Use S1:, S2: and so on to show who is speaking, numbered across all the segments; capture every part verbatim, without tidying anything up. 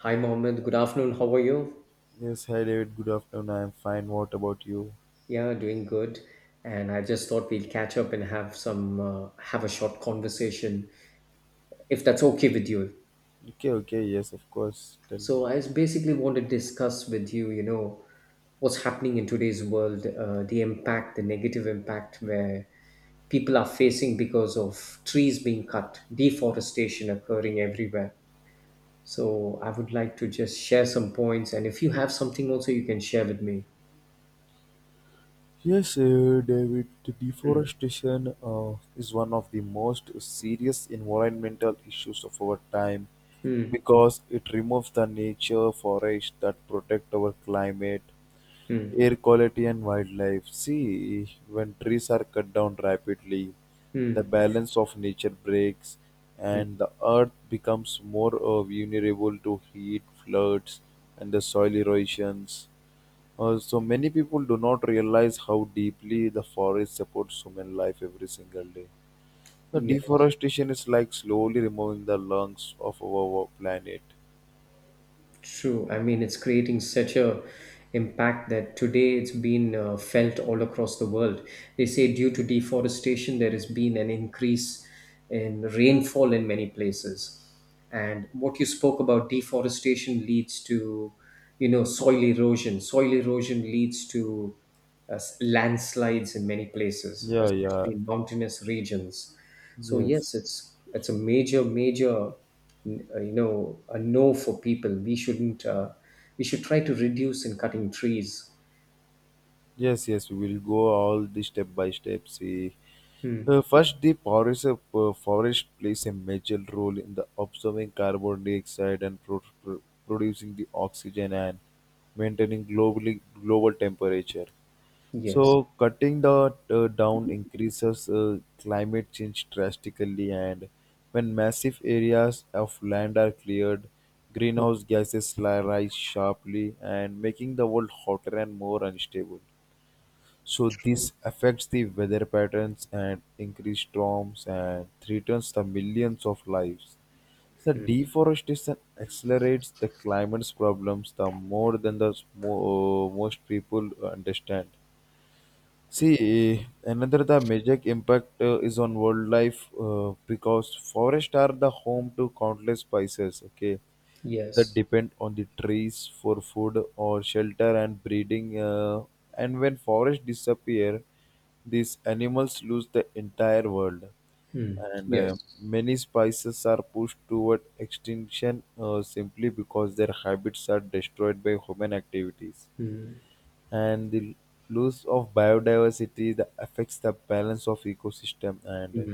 S1: Hi, Mohammed. Good afternoon. How are you?
S2: Yes, hi David. Good afternoon. I'm fine. What about you?
S1: Yeah, doing good. And I just thought we'll catch up and have some uh, have a short conversation, if that's okay with you.
S2: Okay, okay. Yes, of course. Tell me.
S1: So I just basically want to discuss with you, you know, what's happening in today's world, uh, the impact, the negative impact where people are facing because of trees being cut, deforestation occurring everywhere. So I would like to just share some points, and if you have something also, you can share with me.
S2: Yes, uh, David. The Deforestation uh, is one of the most serious environmental issues of our time
S1: Hmm.
S2: because it removes the nature forest that protect our climate,
S1: Hmm.
S2: air quality and wildlife. See, when trees are cut down rapidly, the
S1: Hmm.
S2: balance of nature breaks, and the earth becomes more uh, vulnerable to heat, floods, and the soil erosions. Uh, so many people do not realize how deeply the forest supports human life every single day. The
S1: Yes.
S2: deforestation is like slowly removing the lungs of our planet.
S1: True. I mean, it's creating such a impact that today it's been uh, felt all across the world. They say due to deforestation, there has been an increase in rainfall in many places. And what you spoke about, deforestation leads to, you know, soil erosion. Soil erosion leads to uh, landslides in many places,
S2: Yeah, yeah,
S1: especially in mountainous regions. So
S2: yes.
S1: yes, it's it's a major major n- uh, you know, a no for people. We shouldn't uh, we should try to reduce in cutting trees.
S2: Yes, yes, we will go all the step by step. See,
S1: Hmm.
S2: Uh, first, the forest, uh, forest plays a major role in the absorbing carbon dioxide and pro- pro- producing the oxygen and maintaining globally global temperature. So,
S1: Yes,
S2: cutting the uh, down increases uh, climate change drastically, and when massive areas of land are cleared, greenhouse gases li- rise sharply and making the world hotter and more unstable. So this affects the weather patterns and increased storms and threatens the millions of lives. The deforestation accelerates the climate's problems the more than the mo- most people understand. See, eh, another the major impact uh, is on wildlife uh, because forests are the home to countless species. Okay, that
S1: yes,
S2: depend on the trees for food or shelter and breeding. Uh, and when forests disappear, these animals lose the entire world. And uh,
S1: yes.
S2: many species are pushed toward extinction uh, simply because their habits are destroyed by human activities. And the loss of biodiversity that affects the balance of ecosystem, and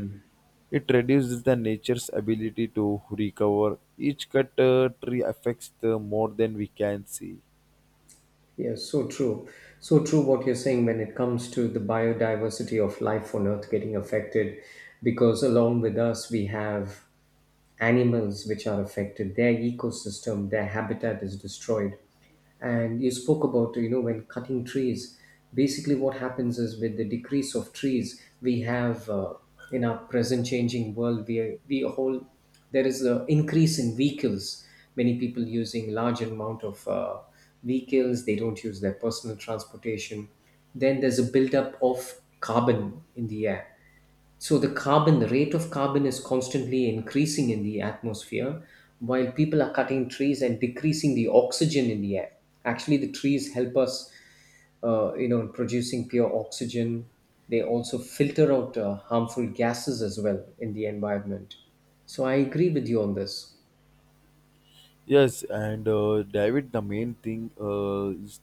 S2: it reduces the nature's ability to recover. Each cut uh, tree affects the more than we can see.
S1: Yes, so true. So true what you're saying when it comes to the biodiversity of life on Earth getting affected, because along with us, we have animals which are affected, their ecosystem, their habitat is destroyed. And you spoke about, you know, when cutting trees, basically what happens is with the decrease of trees, we have uh, in our present changing world, we, we a whole there is an increase in vehicles, many people using large amount of uh, vehicles, they don't use their personal transportation, then there's a buildup of carbon in the air, so the carbon, the rate of carbon is constantly increasing in the atmosphere while people are cutting trees and decreasing the oxygen in the air. Actually, the trees help us, uh, you know, in producing pure oxygen. They also filter out uh, harmful gases as well in the environment. So I agree with you on this.
S2: Yes, and uh, David, the main thing uh, is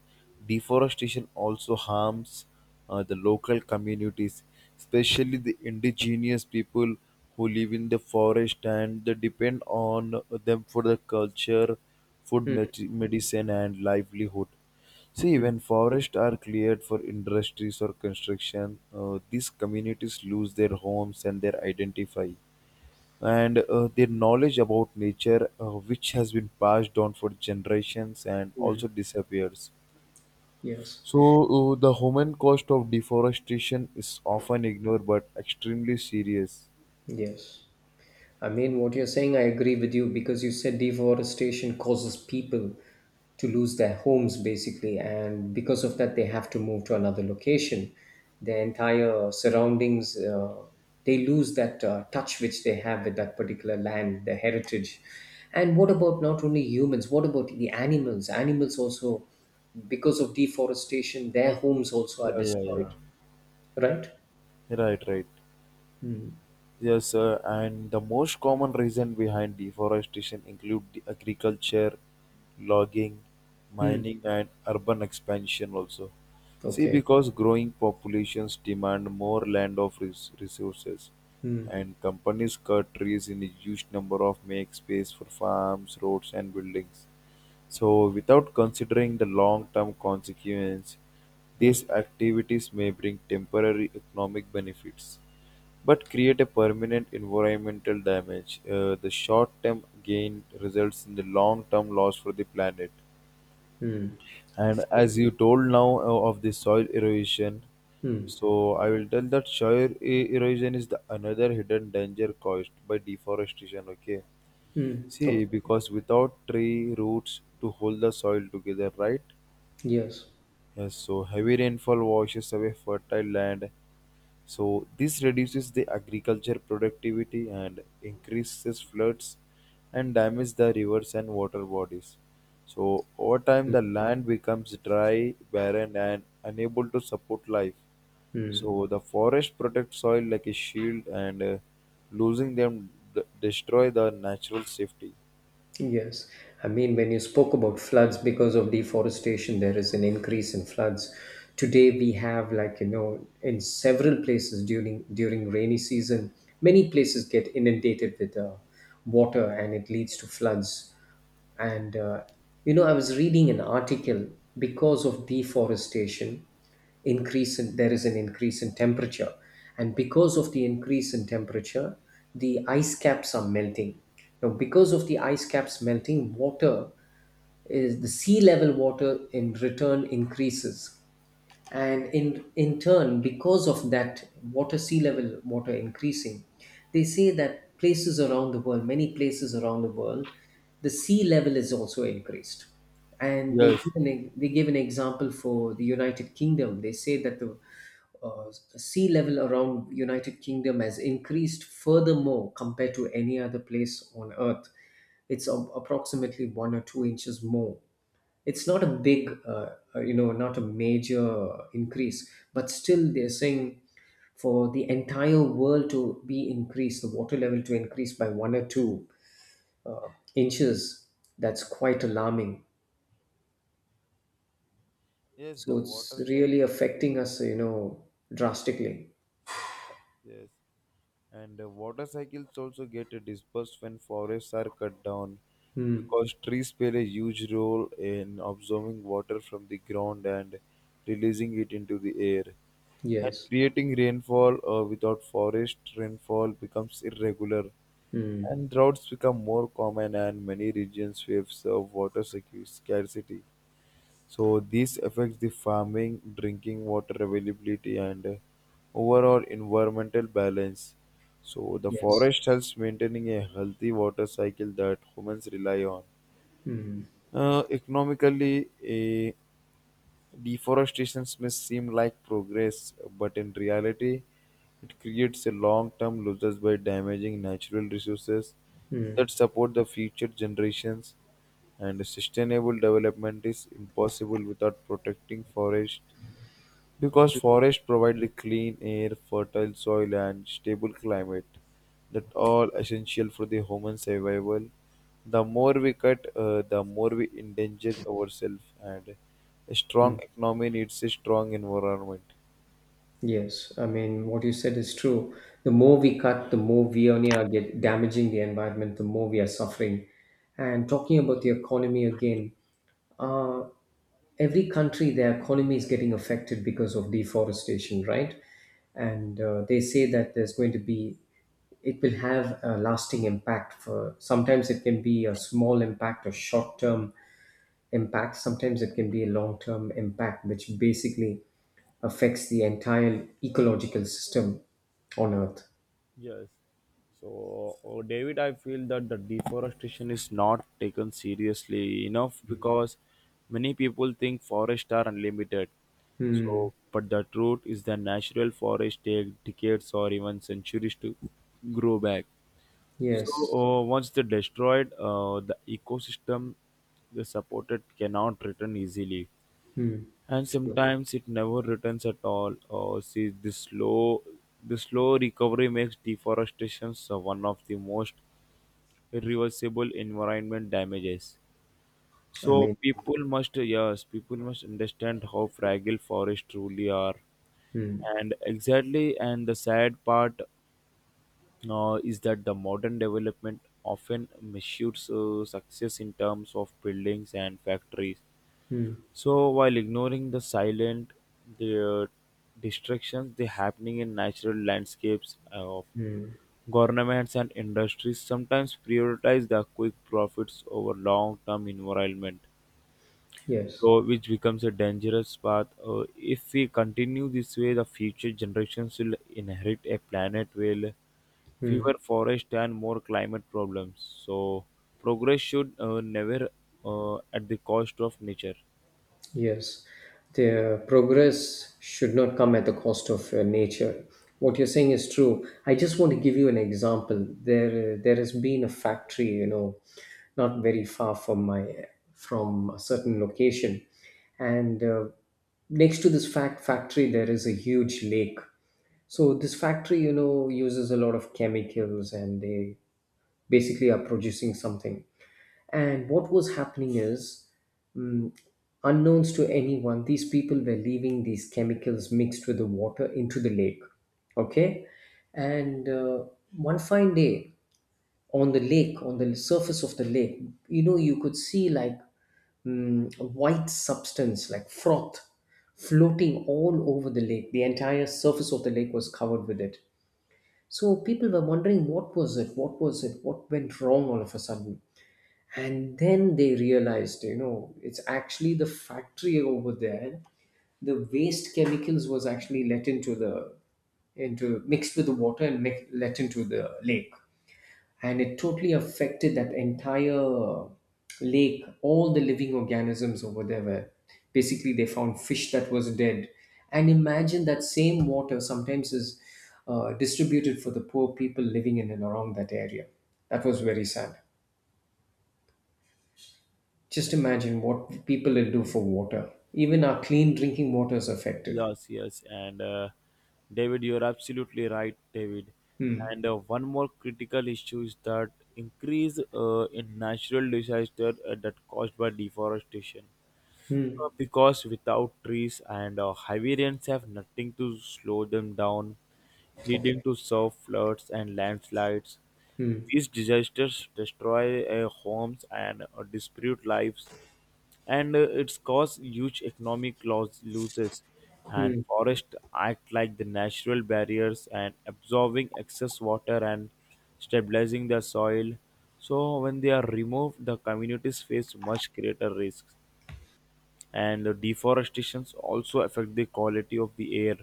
S2: deforestation also harms uh, the local communities, especially the indigenous people who live in the forest and they depend on them for the culture, food,
S1: Hmm,
S2: med- medicine, and livelihood. See,
S1: hmm.
S2: when forests are cleared for industries or construction, uh, these communities lose their homes and their identify, and uh, their knowledge about nature uh, which has been passed down for generations and also disappears.
S1: Yes.
S2: So uh, the human cost of deforestation is often ignored but extremely serious.
S1: Yes. I mean, what you're saying, I agree with you because you said deforestation causes people to lose their homes basically, and because of that, they have to move to another location. Their entire surroundings, uh, they lose that uh, touch which they have with that particular land, their heritage. And what about not only humans, what about the animals? Animals also, because of deforestation, their homes also are
S2: Yeah, yeah, yeah.
S1: destroyed, right?
S2: Right, right. Yes, sir. And the most common reason behind deforestation include the agriculture, logging,
S1: Hmm.
S2: mining, and urban expansion also. See,
S1: Okay.
S2: because growing populations demand more land of res- resources,
S1: Hmm.
S2: and companies cut trees in a huge number of make space for farms, roads, and buildings. So, without considering the long-term consequence,
S1: Hmm.
S2: these activities may bring temporary economic benefits but create a permanent environmental damage. Uh, the short term gain results in the long term loss for the planet.
S1: Hmm.
S2: And as you told now uh, of the soil erosion,
S1: Hmm.
S2: so I will tell that soil e- erosion is the another hidden danger caused by deforestation. Okay,
S1: Hmm.
S2: see,
S1: Okay.
S2: because without tree roots to hold the soil together, right?
S1: Yes,
S2: Yes, so heavy rainfall washes away fertile land. So this reduces the agriculture productivity and increases floods and damage the rivers and water bodies. So over time the land becomes dry, barren and unable to support life. So the forest protects soil like a shield, and uh, losing them d- destroy the natural safety.
S1: yes. I mean, when you spoke about floods because of deforestation, there is an increase in floods. Today we have like, you know, in several places during during rainy season, many places get inundated with uh, water, and it leads to floods. And uh, you know, I was reading an article, because of deforestation, increase in, there is an increase in temperature, and because of the increase in temperature, the ice caps are melting. Now, because of the ice caps melting, water is the sea level water in return increases, and in in turn because of that water sea level water increasing, they say that places around the world, many places around the world, the sea level is also increased. And they
S2: Yes.
S1: give an, they give an example for the United Kingdom. They say that the uh, sea level around United Kingdom has increased furthermore compared to any other place on earth. It's a- approximately one or two inches more. It's not a big uh, uh, you know, not a major increase, but still they're saying for the entire world to be increased, the water level to increase by one or two inches, that's quite alarming.
S2: Yes, the
S1: So it's
S2: water
S1: really
S2: cycle.
S1: affecting us, you know, drastically.
S2: Yes. And uh, water cycles also get uh, dispersed when forests are cut down
S1: Mm.
S2: because trees play a huge role in absorbing water from the ground and releasing it into the air. And
S1: Yes.
S2: creating rainfall, uh, without forest rainfall becomes irregular,
S1: Mm.
S2: and droughts become more common, and many regions face uh, water secu- scarcity. So this affects the farming, drinking water availability, and uh, overall environmental balance. So the
S1: Yes.
S2: forest helps maintaining a healthy water cycle that humans rely on.
S1: Mm.
S2: Uh, economically, eh, deforestation may seem like progress, but in reality, it creates a long term losses by damaging natural resources
S1: Mm.
S2: that support the future generations. And sustainable development is impossible without protecting forests because forests provide the clean air, fertile soil, and stable climate that all essential for the human survival. The more we cut, uh, the more we endanger ourselves, and a strong
S1: Mm.
S2: economy needs a strong environment.
S1: Yes, I mean, what you said is true. The more we cut, the more we only are get damaging the environment, the more we are suffering. And talking about the economy again, uh, every country, their economy is getting affected because of deforestation, right? And uh, they say that there's going to be, it will have a lasting impact for, sometimes it can be a small impact or short term impact. Sometimes it can be a long term impact, which basically affects the entire ecological system on Earth.
S2: Yes. So, uh, David, I feel that the deforestation is not taken seriously enough because many people think forests are unlimited.
S1: Hmm.
S2: So, but the truth is that natural forests take decades or even centuries to grow back. So,
S1: Yes.
S2: uh, once they're destroyed, uh, the ecosystem they supported cannot return easily,
S1: Hmm.
S2: and
S1: True.
S2: sometimes it never returns at all. Oh, see, the slow, the slow recovery makes deforestation so one of the most irreversible environment damages.
S1: I
S2: So
S1: mean,
S2: people must, yes, people must understand how fragile forests truly are, and exactly. And the sad part uh, is that the modern development often measures uh, success in terms of buildings and factories, so while ignoring the silent, the uh, distractions, they happening in natural landscapes uh, of governments and industries sometimes prioritize the quick profits over long-term environment.
S1: yes.
S2: So which becomes a dangerous path. Uh, if we continue this way, the future generations will inherit a planet with fewer forests and more climate problems. So progress should uh, never uh, at the cost of nature.
S1: Yes, the progress should not come at the cost of uh, nature. What you're saying is true. I just want to give you an example. There, uh, there has been a factory, you know, not very far from my, from a certain location, and uh, next to this fact factory there is a huge lake. So this factory, you know, uses a lot of chemicals, and they basically are producing something. And what was happening is, mm, unknowns to anyone, these people were leaving these chemicals mixed with the water into the lake. Okay? And uh, one fine day on the lake, on the surface of the lake, you know, you could see like mm, a white substance, like froth, floating all over the lake. The entire surface of the lake was covered with it. So people were wondering what was it, what was it, what went wrong all of a sudden, and then they realized, you know, it's actually the factory over there. The waste chemicals was actually let into the, into mixed with the water and mi- let into the lake, and it totally affected that entire lake. All the living organisms over there were, basically they found fish that was dead. And imagine that same water sometimes is uh, distributed for the poor people living in and around that area. That was very sad. Just imagine what people will do for water. Even our clean drinking water is affected.
S2: Yes, yes, and uh, David, you're absolutely right, David.
S1: Hmm.
S2: And uh, one more critical issue is that increase uh, in natural disaster uh, that caused by deforestation.
S1: Hmm.
S2: Uh, because without trees and uh, heavy rains have nothing to slow them down, leading
S1: Okay.
S2: to surf floods and landslides.
S1: Hmm.
S2: These disasters destroy uh, homes and uh, dispute lives, and uh, it's caused huge economic loss, losses. And
S1: Hmm.
S2: forests act like the natural barriers and absorbing excess water and stabilizing the soil. So when they are removed, the communities face much greater risks. And the deforestation also affect the quality of the air.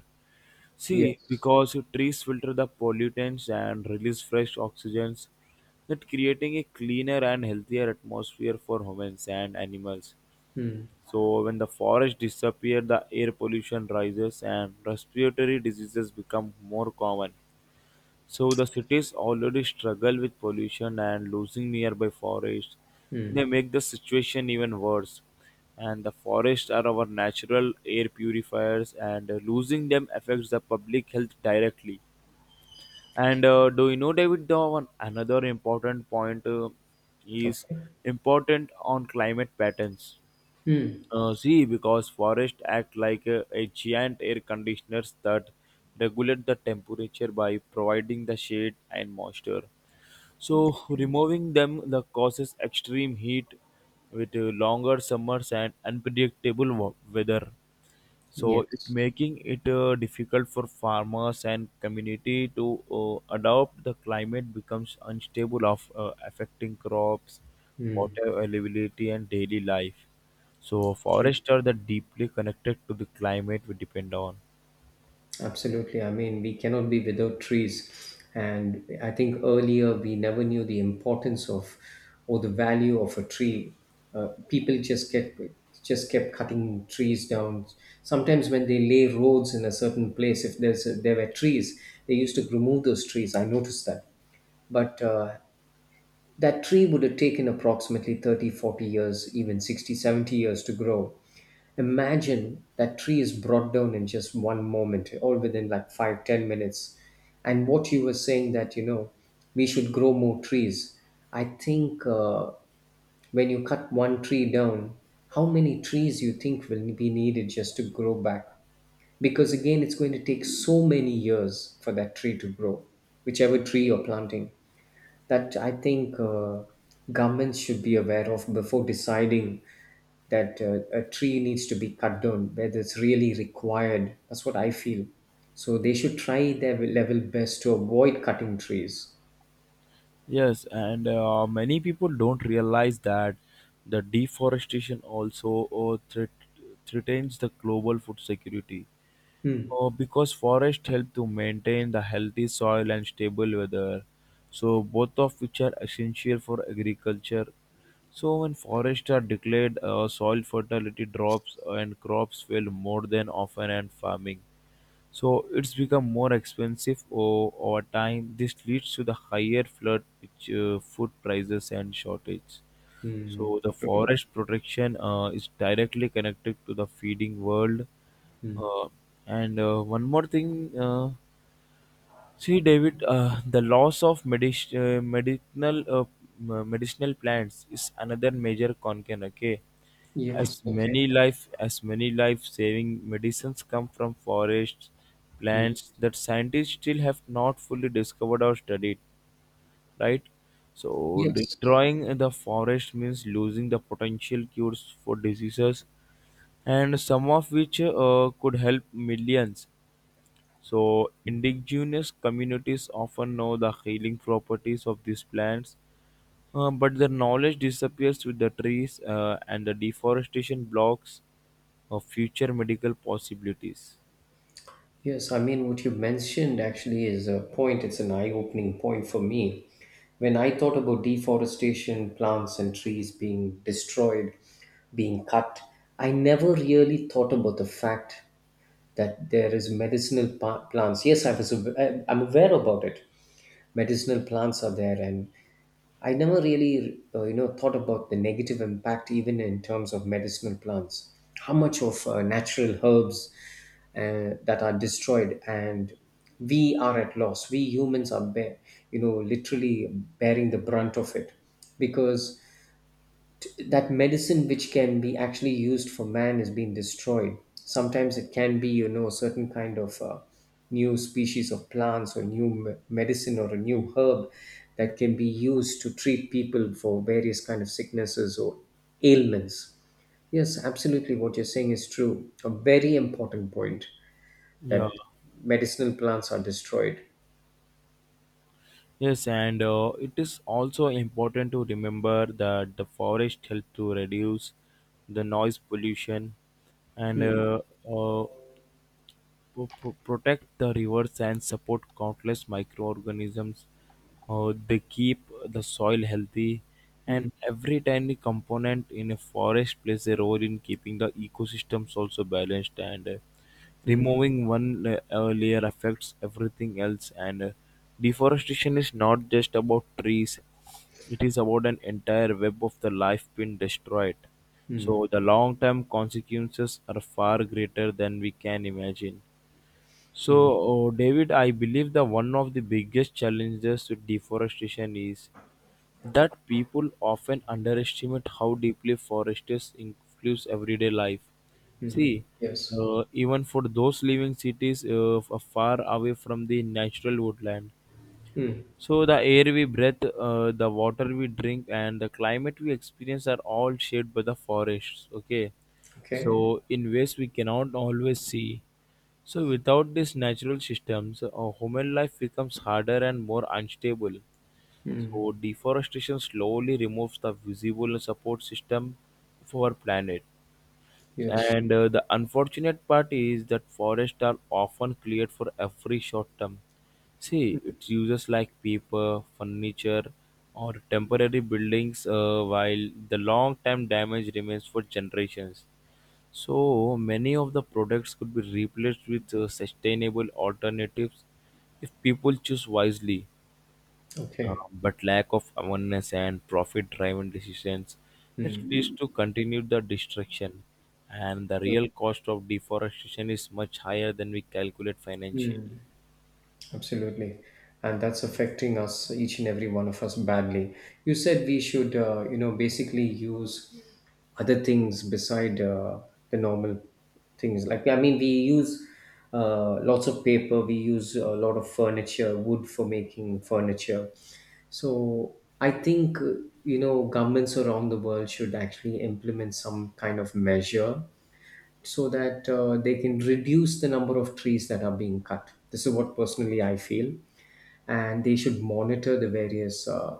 S2: See,
S1: Yes.
S2: because trees filter the pollutants and release fresh oxygens, that creating a cleaner and healthier atmosphere for humans and animals.
S1: Hmm.
S2: So when the forests disappear, the air pollution rises and respiratory diseases become more common. So the cities already struggle with pollution and losing nearby forests. They
S1: Hmm.
S2: make the situation even worse. And the forests are our natural air purifiers, and uh, losing them affects the public health directly. And
S1: Okay.
S2: uh, do you know, David, the one another important point uh, is
S1: Okay.
S2: important on climate patterns.
S1: Hmm.
S2: Uh, see, because forests act like a, a giant air conditioners that regulate the temperature by providing the shade and moisture. So, removing them the causes extreme heat with uh, longer summers and unpredictable wa- weather, so it
S1: Yes.
S2: making it uh, difficult for farmers and community to uh, adopt the climate becomes unstable of uh, affecting crops,
S1: Hmm.
S2: water availability and daily life. So forests are the deeply connected to the climate we depend on.
S1: Absolutely. I mean, we cannot be without trees. And I think earlier we never knew the importance of, or the value of, a tree. Uh, people just kept just kept cutting trees down. Sometimes when they lay roads in a certain place, if there's a, there were trees, they used to remove those trees. I noticed that. But uh, that tree would have taken approximately thirty, forty years, even sixty, seventy years to grow. Imagine that tree is brought down in just one moment, all within like five, ten minutes. And what you were saying that, you know, we should grow more trees. I think uh, When you cut one tree down, how many trees you think will be needed just to grow back? Because again, it's going to take so many years for that tree to grow, whichever tree you're planting, that I think uh, governments should be aware of before deciding that uh, a tree needs to be cut down, whether it's really required. That's what I feel. So they should try their level best to avoid cutting trees.
S2: Yes, and uh, many people don't realize that the deforestation also uh, threat- threatens the global food security.
S1: Hmm.
S2: Uh, because forests help to maintain the healthy soil and stable weather, so both of which are essential for agriculture. So when forests are declared, uh, soil fertility drops and crops fail more than often and farming. So it's become more expensive o- over time. This leads to the higher flood, which, uh, food prices and shortage.
S1: Hmm.
S2: So the
S1: True.
S2: forest protection uh, is directly connected to the feeding world. Uh, and uh, one more thing, uh, see David, uh, the loss of medic- uh, medicinal uh, m- medicinal plants is another major concern. Okay,
S1: Yes.
S2: as
S1: Okay.
S2: many life as many life saving medicines come from forests,
S1: Hmm.
S2: plants that scientists still have not fully discovered or studied, right? So
S1: Yes.
S2: destroying the forest means losing the potential cures for diseases, and some of which uh, could help millions. So indigenous communities often know the healing properties of these plants, uh, but their knowledge disappears with the trees, uh, and the deforestation blocks of future medical possibilities.
S1: Yes, I mean, what you mentioned actually is a point, it's an eye opening point for me. When I thought about deforestation, plants and trees being destroyed, being cut, I never really thought about the fact that there is medicinal pa- plants. Yes, I was, aw- I'm aware about it. Medicinal plants are there, and I never really, uh, you know, thought about the negative impact even in terms of medicinal plants. How much of uh, natural herbs uh, that are destroyed, and we are at loss. We humans are, bear, you know, literally bearing the brunt of it, because that medicine which can be actually used for man is being destroyed. Sometimes it can be, you know, a certain kind of uh, new species of plants, or new me- medicine, or a new herb that can be used to treat people for various kind of sicknesses or ailments. Yes, absolutely, what you're saying is true, a very important point,
S2: Yeah.
S1: that medicinal plants are destroyed.
S2: Yes, and uh, it is also important to remember that the forest help to reduce the noise pollution and
S1: Hmm.
S2: uh, uh, pro- pro- protect the rivers and support countless microorganisms. Uh, they keep the soil healthy,
S1: Hmm.
S2: and every tiny component in a forest plays a role in keeping the ecosystems also balanced. And uh,
S1: Hmm.
S2: removing one la- uh, layer affects everything else. And uh, deforestation is not just about trees; it is about an entire web of the life being destroyed.
S1: Hmm.
S2: So the long-term consequences are far greater than we can imagine. So,
S1: Hmm.
S2: uh, David, I believe that one of the biggest challenges to deforestation is that people often underestimate how deeply forests influence everyday life.
S1: Hmm.
S2: See,
S1: Yes.
S2: uh, even for those living cities uh, f- far away from the natural woodland,
S1: Hmm.
S2: so the air we breathe, uh, the water we drink, and the climate we experience are all shaped by the forests. Okay,
S1: Okay.
S2: so in ways we cannot always see. So without these natural systems, uh, human life becomes harder and more unstable. So deforestation slowly removes the visible support system for our planet.
S1: Yes.
S2: And uh, the unfortunate part is that forests are often cleared for every short term. See, it's uses like paper, furniture, or temporary buildings, uh, while the long term damage remains for generations. So, many of the products could be replaced with uh, sustainable alternatives if people choose wisely. Uh,
S1: Okay.
S2: but lack of awareness and profit-driven decisions it leads to continue the destruction, and the
S1: Sure.
S2: real cost of deforestation is much higher than we calculate
S1: Hmm.
S2: financially.
S1: Absolutely. And that's affecting us, each and every one of us, badly. You said we should, uh, you know, basically use other things beside uh, the normal things. Like, I mean, we use uh, lots of paper, we use a lot of furniture, wood for making furniture. So I think, uh, you know, governments around the world should actually implement some kind of measure so that uh, they can reduce the number of trees that are being cut. This is what personally I feel, and they should monitor the various uh,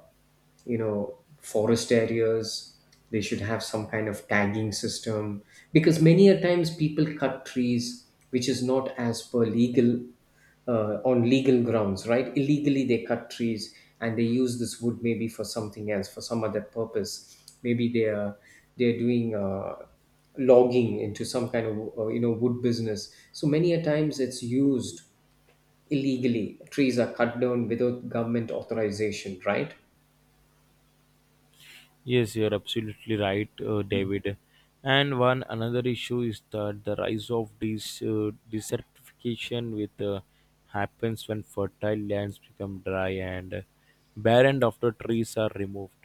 S1: you know, forest areas. They should have some kind of tagging system, because many a times people cut trees which is not as per legal, uh, on legal grounds, right? Illegally they cut trees, and they use this wood maybe for something else, for some other purpose. Maybe they are they're doing uh, logging into some kind of uh, you know, wood business. So many a times it's used illegally. Trees are cut down without government authorization, right?
S2: Yes, you're absolutely right, uh, David. And one another issue is that the rise of this uh, desertification with uh, happens when fertile lands become dry and barren after trees are removed,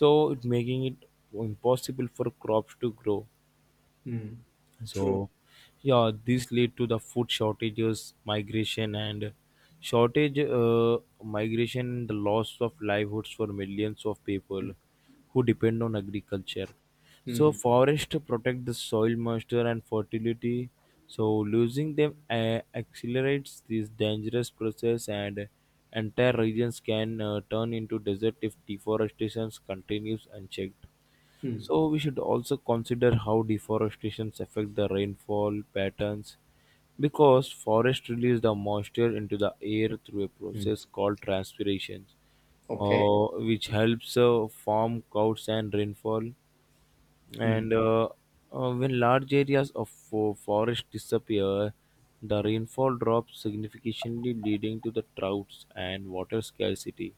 S2: so it making it impossible for crops to grow.
S1: Mm,
S2: So
S1: true.
S2: yeah, this lead to the food shortages, migration, and shortage uh, migration, the loss of livelihoods for millions of people who depend on agriculture. So
S1: mm,
S2: forest to protect the soil moisture and fertility. So losing them uh, accelerates this dangerous process, and entire regions can uh, turn into desert if deforestation continues unchecked.
S1: mm,
S2: So we should also consider how deforestations affect the rainfall patterns, because forests release the moisture into the air through a process called transpiration,
S1: Okay.
S2: uh, which helps uh, form clouds and rainfall. And uh, uh, when large areas of fo- forest disappear, the rainfall drops significantly, leading to the droughts and water scarcity.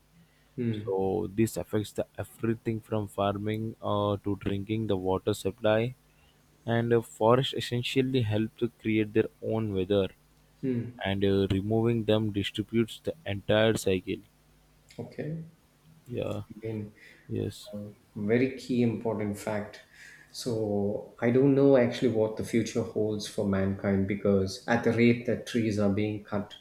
S1: mm,
S2: So this affects the everything from farming uh, to drinking the water supply, and uh, forests essentially help to create their own weather,
S1: mm.
S2: and uh, removing them distributes the entire cycle.
S1: Okay.
S2: Yeah.
S1: I mean,
S2: Yes.
S1: very key important fact. So I don't know actually what the future holds for mankind because at the rate that trees are being cut,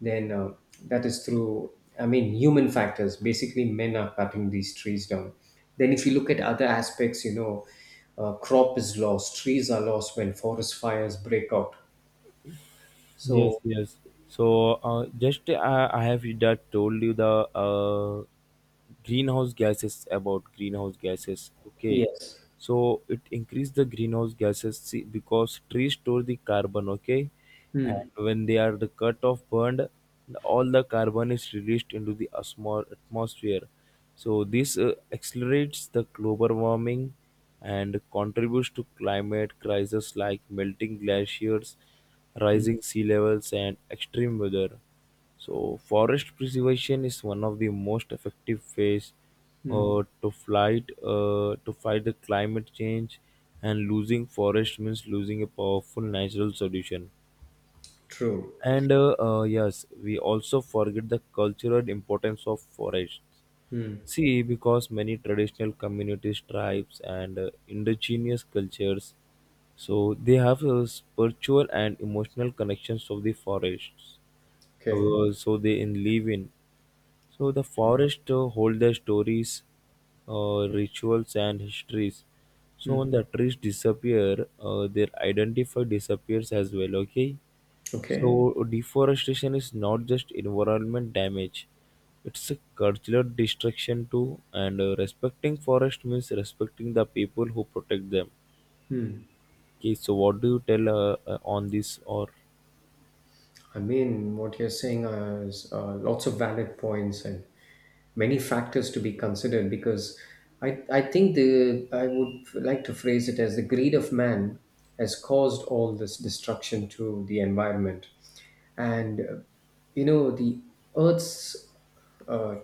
S1: then uh, that is through, I mean, human factors. Basically, men are cutting these trees down. Then if you look at other aspects, you know, uh, crop is lost, trees are lost when forest fires break out.
S2: Yes.
S1: So
S2: Yes. So uh, just uh, I have that told you the uh, greenhouse gases, about greenhouse gases. Okay,
S1: yes,
S2: so it increase the greenhouse gases, see, because trees store the carbon, okay, and
S1: Hmm.
S2: when they are the cut off burned, all the carbon is released into the asmo- atmosphere. So this uh, accelerates the global warming and contributes to climate crises like melting glaciers, rising sea levels, and extreme weather. So, forest preservation is one of the most effective ways
S1: Hmm.
S2: uh, to fight uh, to fight the climate change, and losing forest means losing a powerful natural solution.
S1: true.
S2: And uh, uh, yes, we also forget the cultural importance of forests. See, because many traditional communities, tribes, and uh, indigenous cultures, so they have a spiritual and emotional connections of the forests.
S1: Okay.
S2: Uh, so they in live in. So the forest uh, hold their stories, uh, rituals, and histories. So when the trees disappear, uh, their identity disappears as well. Okay.
S1: Okay.
S2: So deforestation is not just environment damage; it's a cultural destruction too. And uh, respecting forest means respecting the people who protect them.
S1: Hmm.
S2: Okay, so what do you tell uh, uh, on this or?
S1: I mean, what you're saying is uh, lots of valid points, and many factors to be considered because I, I think the I would like to phrase it as the greed of man has caused all this destruction to the environment and uh, you know the earth's uh,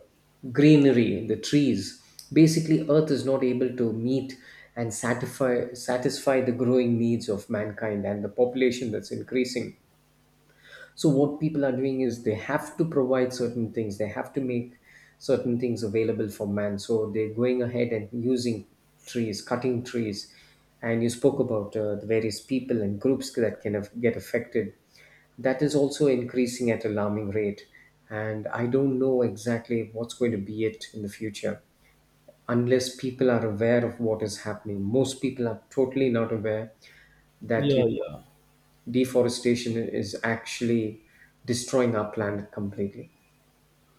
S1: greenery, the trees. Basically earth is not able to meet and satisfy satisfy the growing needs of mankind and the population that's increasing. So what people are doing is they have to provide certain things. They have to make certain things available for man. So they're going ahead and using trees, cutting trees. And you spoke about uh, the various people and groups that can af- get affected. That is also increasing at alarming rate. And I don't know exactly what's going to be it in the future unless people are aware of what is happening. Most people are totally not aware that you deforestation is actually destroying our planet completely.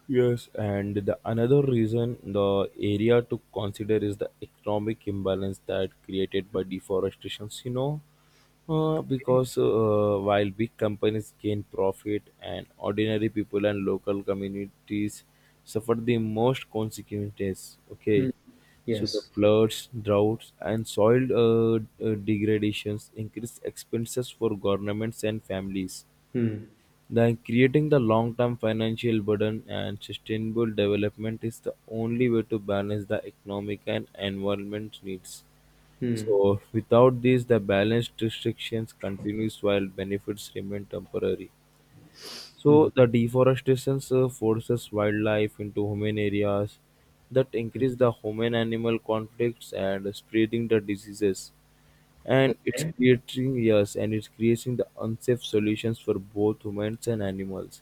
S2: Yes, and the another reason the area to consider is the economic imbalance that created by deforestation. You know, uh, because uh, while big companies gain profit, and ordinary people and local communities suffer the most consequences. Okay,
S1: Hmm.
S2: so the
S1: Yes.
S2: floods, droughts, and soil uh, uh, degradations increase expenses for governments and families,
S1: Hmm.
S2: then creating the long-term financial burden, and sustainable development is the only way to balance the economic and environment needs.
S1: Hmm.
S2: So without this, the balanced restrictions continues while benefits remain temporary. So the deforestation uh, forces wildlife into human areas that increase the human animal conflicts and spreading the diseases. And it's
S1: Okay.
S2: creating yes, and it's creating the unsafe solutions for both humans and animals.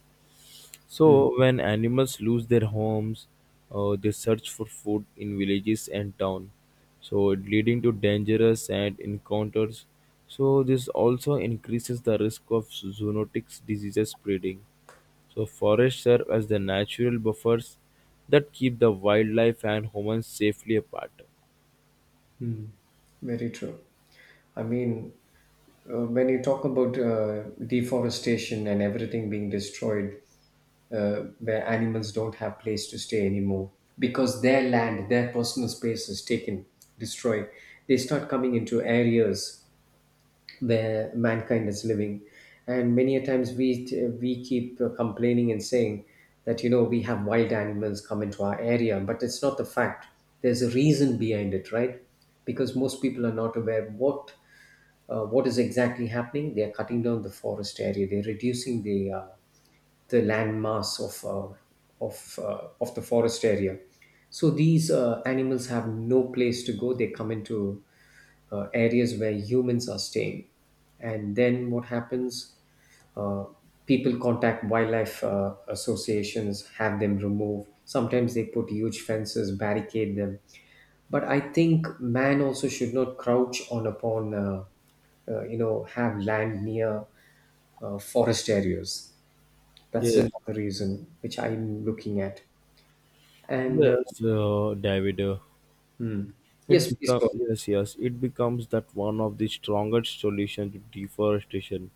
S1: Hmm.
S2: So, when animals lose their homes, uh, they search for food in villages and town, so leading to dangerous and encounters. So, this also increases the risk of zoonotic diseases spreading. So, forests serve as the natural buffers that keep the wildlife and humans safely apart.
S1: Very true. I mean, uh, when you talk about uh, deforestation and everything being destroyed, uh, where animals don't have place to stay anymore because their land, their personal space is taken, destroyed, they start coming into areas where mankind is living, and many a times we we keep complaining and saying that, you know, we have wild animals come into our area, but it's not the fact. There's a reason behind it, right? Because most people are not aware what, uh, what is exactly happening. They are cutting down the forest area, they're reducing the uh, the land mass of uh, of uh, of the forest area. So these uh, animals have no place to go. They come into uh, areas where humans are staying. And then what happens? Uh, People contact wildlife uh, associations, have them removed. Sometimes they put huge fences, barricade them. But I think man also should not crouch on upon, uh, uh, you know, have land near uh, forest areas. That's
S2: Yes,
S1: another reason which I'm looking at. And uh,
S2: yes, uh, David. Uh, It
S1: yes, please
S2: become
S1: go.
S2: yes, yes. It becomes that one of the strongest solutions to deforestation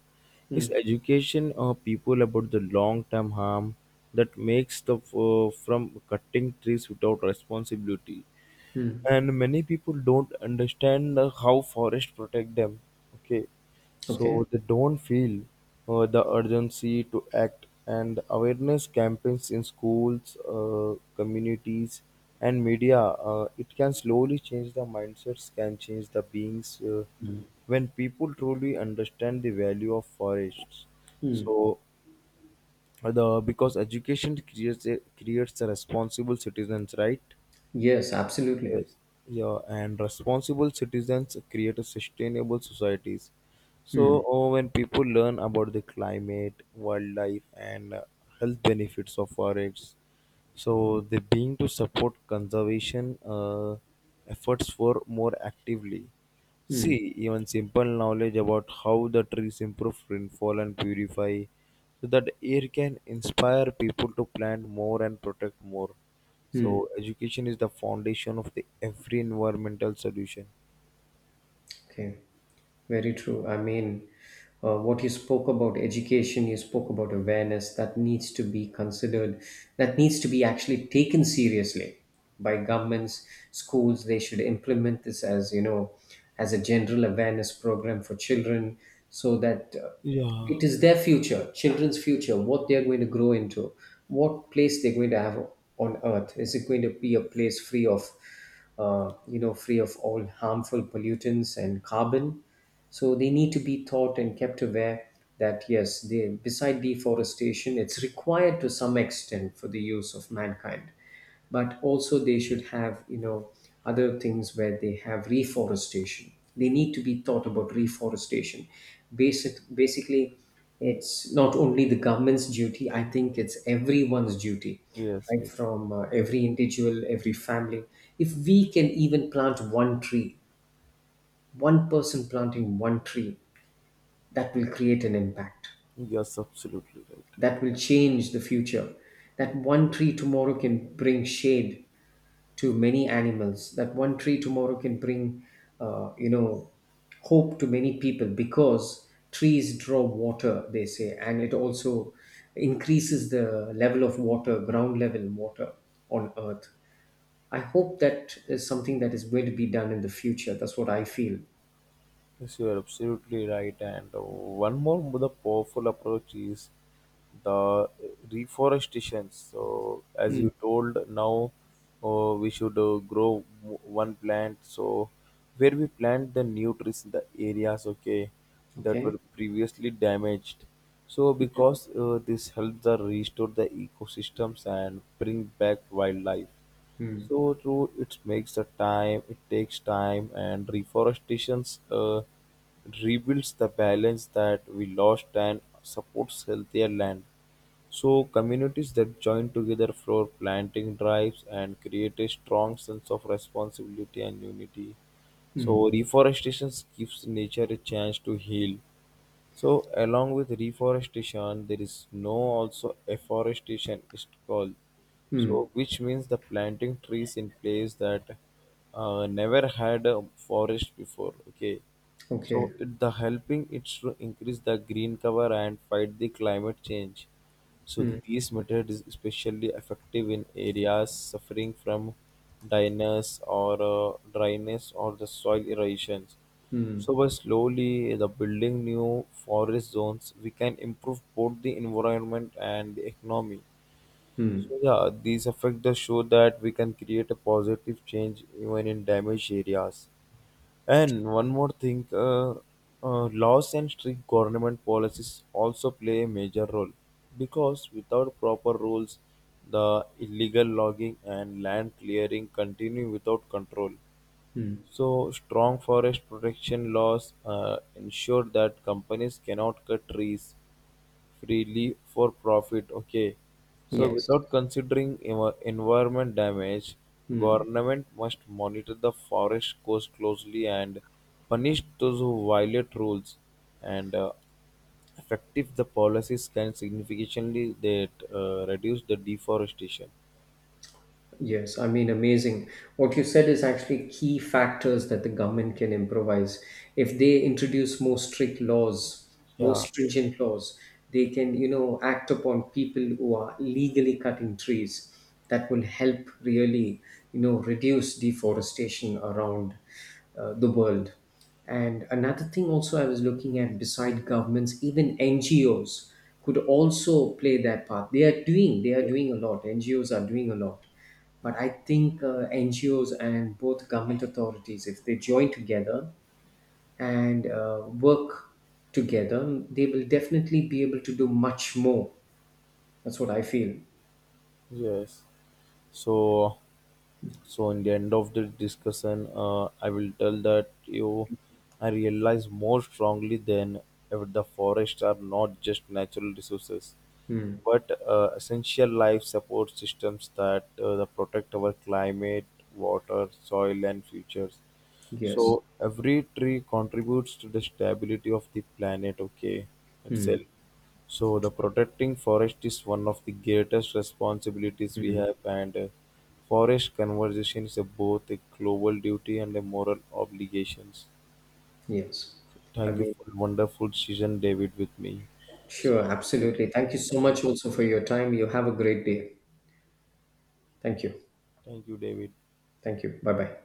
S2: is
S1: Hmm.
S2: education of people about the long-term harm that makes the uh, from cutting trees without responsibility.
S1: Hmm.
S2: And many people don't understand uh, how forest protect them. Okay,
S1: Okay.
S2: so they don't feel uh, the urgency to act, and awareness campaigns in schools, uh, communities, and media, uh, it can slowly change the mindsets, can change the beings, uh, when people truly understand the value of forests.
S1: Hmm.
S2: So uh, the because education creates a, creates a responsible citizens, right?
S1: Yes, absolutely.
S2: Yes. Yeah, and responsible citizens create a sustainable societies. So
S1: Hmm.
S2: uh, when people learn about the climate, wildlife, and uh, health benefits of forests, so they being to support conservation uh, efforts for more actively.
S1: Hmm.
S2: See, even simple knowledge about how the trees improve rainfall and purify, so that air can inspire people to plant more and protect more.
S1: Hmm.
S2: So education is the foundation of the every environmental solution.
S1: Okay. Very true. I mean, uh, what you spoke about education, you spoke about awareness that needs to be considered, that needs to be actually taken seriously by governments, schools. They should implement this as, you know, as a general awareness program for children, so that uh,
S2: Yeah.
S1: it is their future, children's future, what they're going to grow into, what place they're going to have on earth. Is it going to be a place free of, uh, you know, free of all harmful pollutants and carbon? So they need to be taught and kept aware that yes, they, beside deforestation, it's required to some extent for the use of mankind. But also they should have, you know, other things where they have reforestation. They need to be taught about reforestation. Basic, basically, it's not only the government's duty. I think it's everyone's duty,
S2: Yes,
S1: right?
S2: yes,
S1: From uh, every individual, every family. If we can even plant one tree, one person planting one tree, that will create an impact,
S2: yes, absolutely right.
S1: that will change the future. That one tree tomorrow can bring shade to many animals. That one tree tomorrow can bring, uh, you know, hope to many people, because trees draw water, they say, and it also increases the level of water, ground level water on Earth. I hope that is something that is going to be done in the future. That's what I feel.
S2: Yes, you are absolutely right. And uh, one more the powerful approach is the reforestation. So, as
S1: Mm.
S2: you told, now uh, we should uh, grow w- one plant. So, where we plant the new trees in the areas, okay, that
S1: Okay.
S2: were previously damaged. So, because uh, this helps the restore the ecosystems and bring back wildlife.
S1: Mm.
S2: So true, it makes the time, it takes time, and reforestation uh, rebuilds the balance that we lost and supports healthier land. So communities that join together for planting drives and create a strong sense of responsibility and unity. So
S1: Mm.
S2: reforestation gives nature a chance to heal. So along with reforestation, there is no also afforestation is called.
S1: Mm.
S2: So which means the planting trees in place that uh, never had a forest before. Okay. So
S1: Okay.
S2: it, the helping it's to increase the green cover and fight the climate change. So these method is especially effective in areas suffering from dryness or uh, dryness or the soil erosions. So by slowly the building new forest zones, we can improve both the environment and the economy.
S1: Mm.
S2: So yeah, these effects the show that we can create a positive change even in damaged areas. And one more thing, uh, uh, laws and strict government policies also play a major role, because without proper rules, the illegal logging and land clearing continue without control. So strong forest protection laws uh, ensure that companies cannot cut trees freely for profit. Okay. So
S1: Yes.
S2: without considering env- environment damage, government must monitor the forest coast closely and punish those who violate rules. And uh, effective the policies can significantly that uh, reduce the deforestation.
S1: Yes, I mean, amazing. What you said is actually key factors that the government can improvise. If they introduce more strict laws, more
S2: Yeah.
S1: stringent laws, they can, you know, act upon people who are legally cutting trees. That will help really, you know, reduce deforestation around uh, the world. And another thing also I was looking at beside governments, even N G Os could also play that part. They are doing, they are doing a lot. N G Os are doing a lot, but I think uh, N G Os and both government authorities, if they join together and uh, work together, they will definitely be able to do much more. That's what I feel.
S2: Yes. So, so in the end of the discussion, uh, I will tell that you, I realize more strongly than ever the forests are not just natural resources,
S1: Hmm.
S2: but uh, essential life support systems that uh, protect our climate, water, soil, and futures.
S1: Yes.
S2: So every tree contributes to the stability of the planet, okay,
S1: Hmm.
S2: itself. So the protecting forest is one of the greatest responsibilities we have, and uh, forest conservation is a, both a global duty and a moral obligations.
S1: Yes. I
S2: Thank you
S1: mean,
S2: for the wonderful session, David, with me. It's
S1: sure,
S2: such
S1: absolutely.
S2: a nice
S1: Thank you so
S2: conversation.
S1: much also for your time. You have a great day. Thank you.
S2: Thank you, David.
S1: Thank you. Bye bye.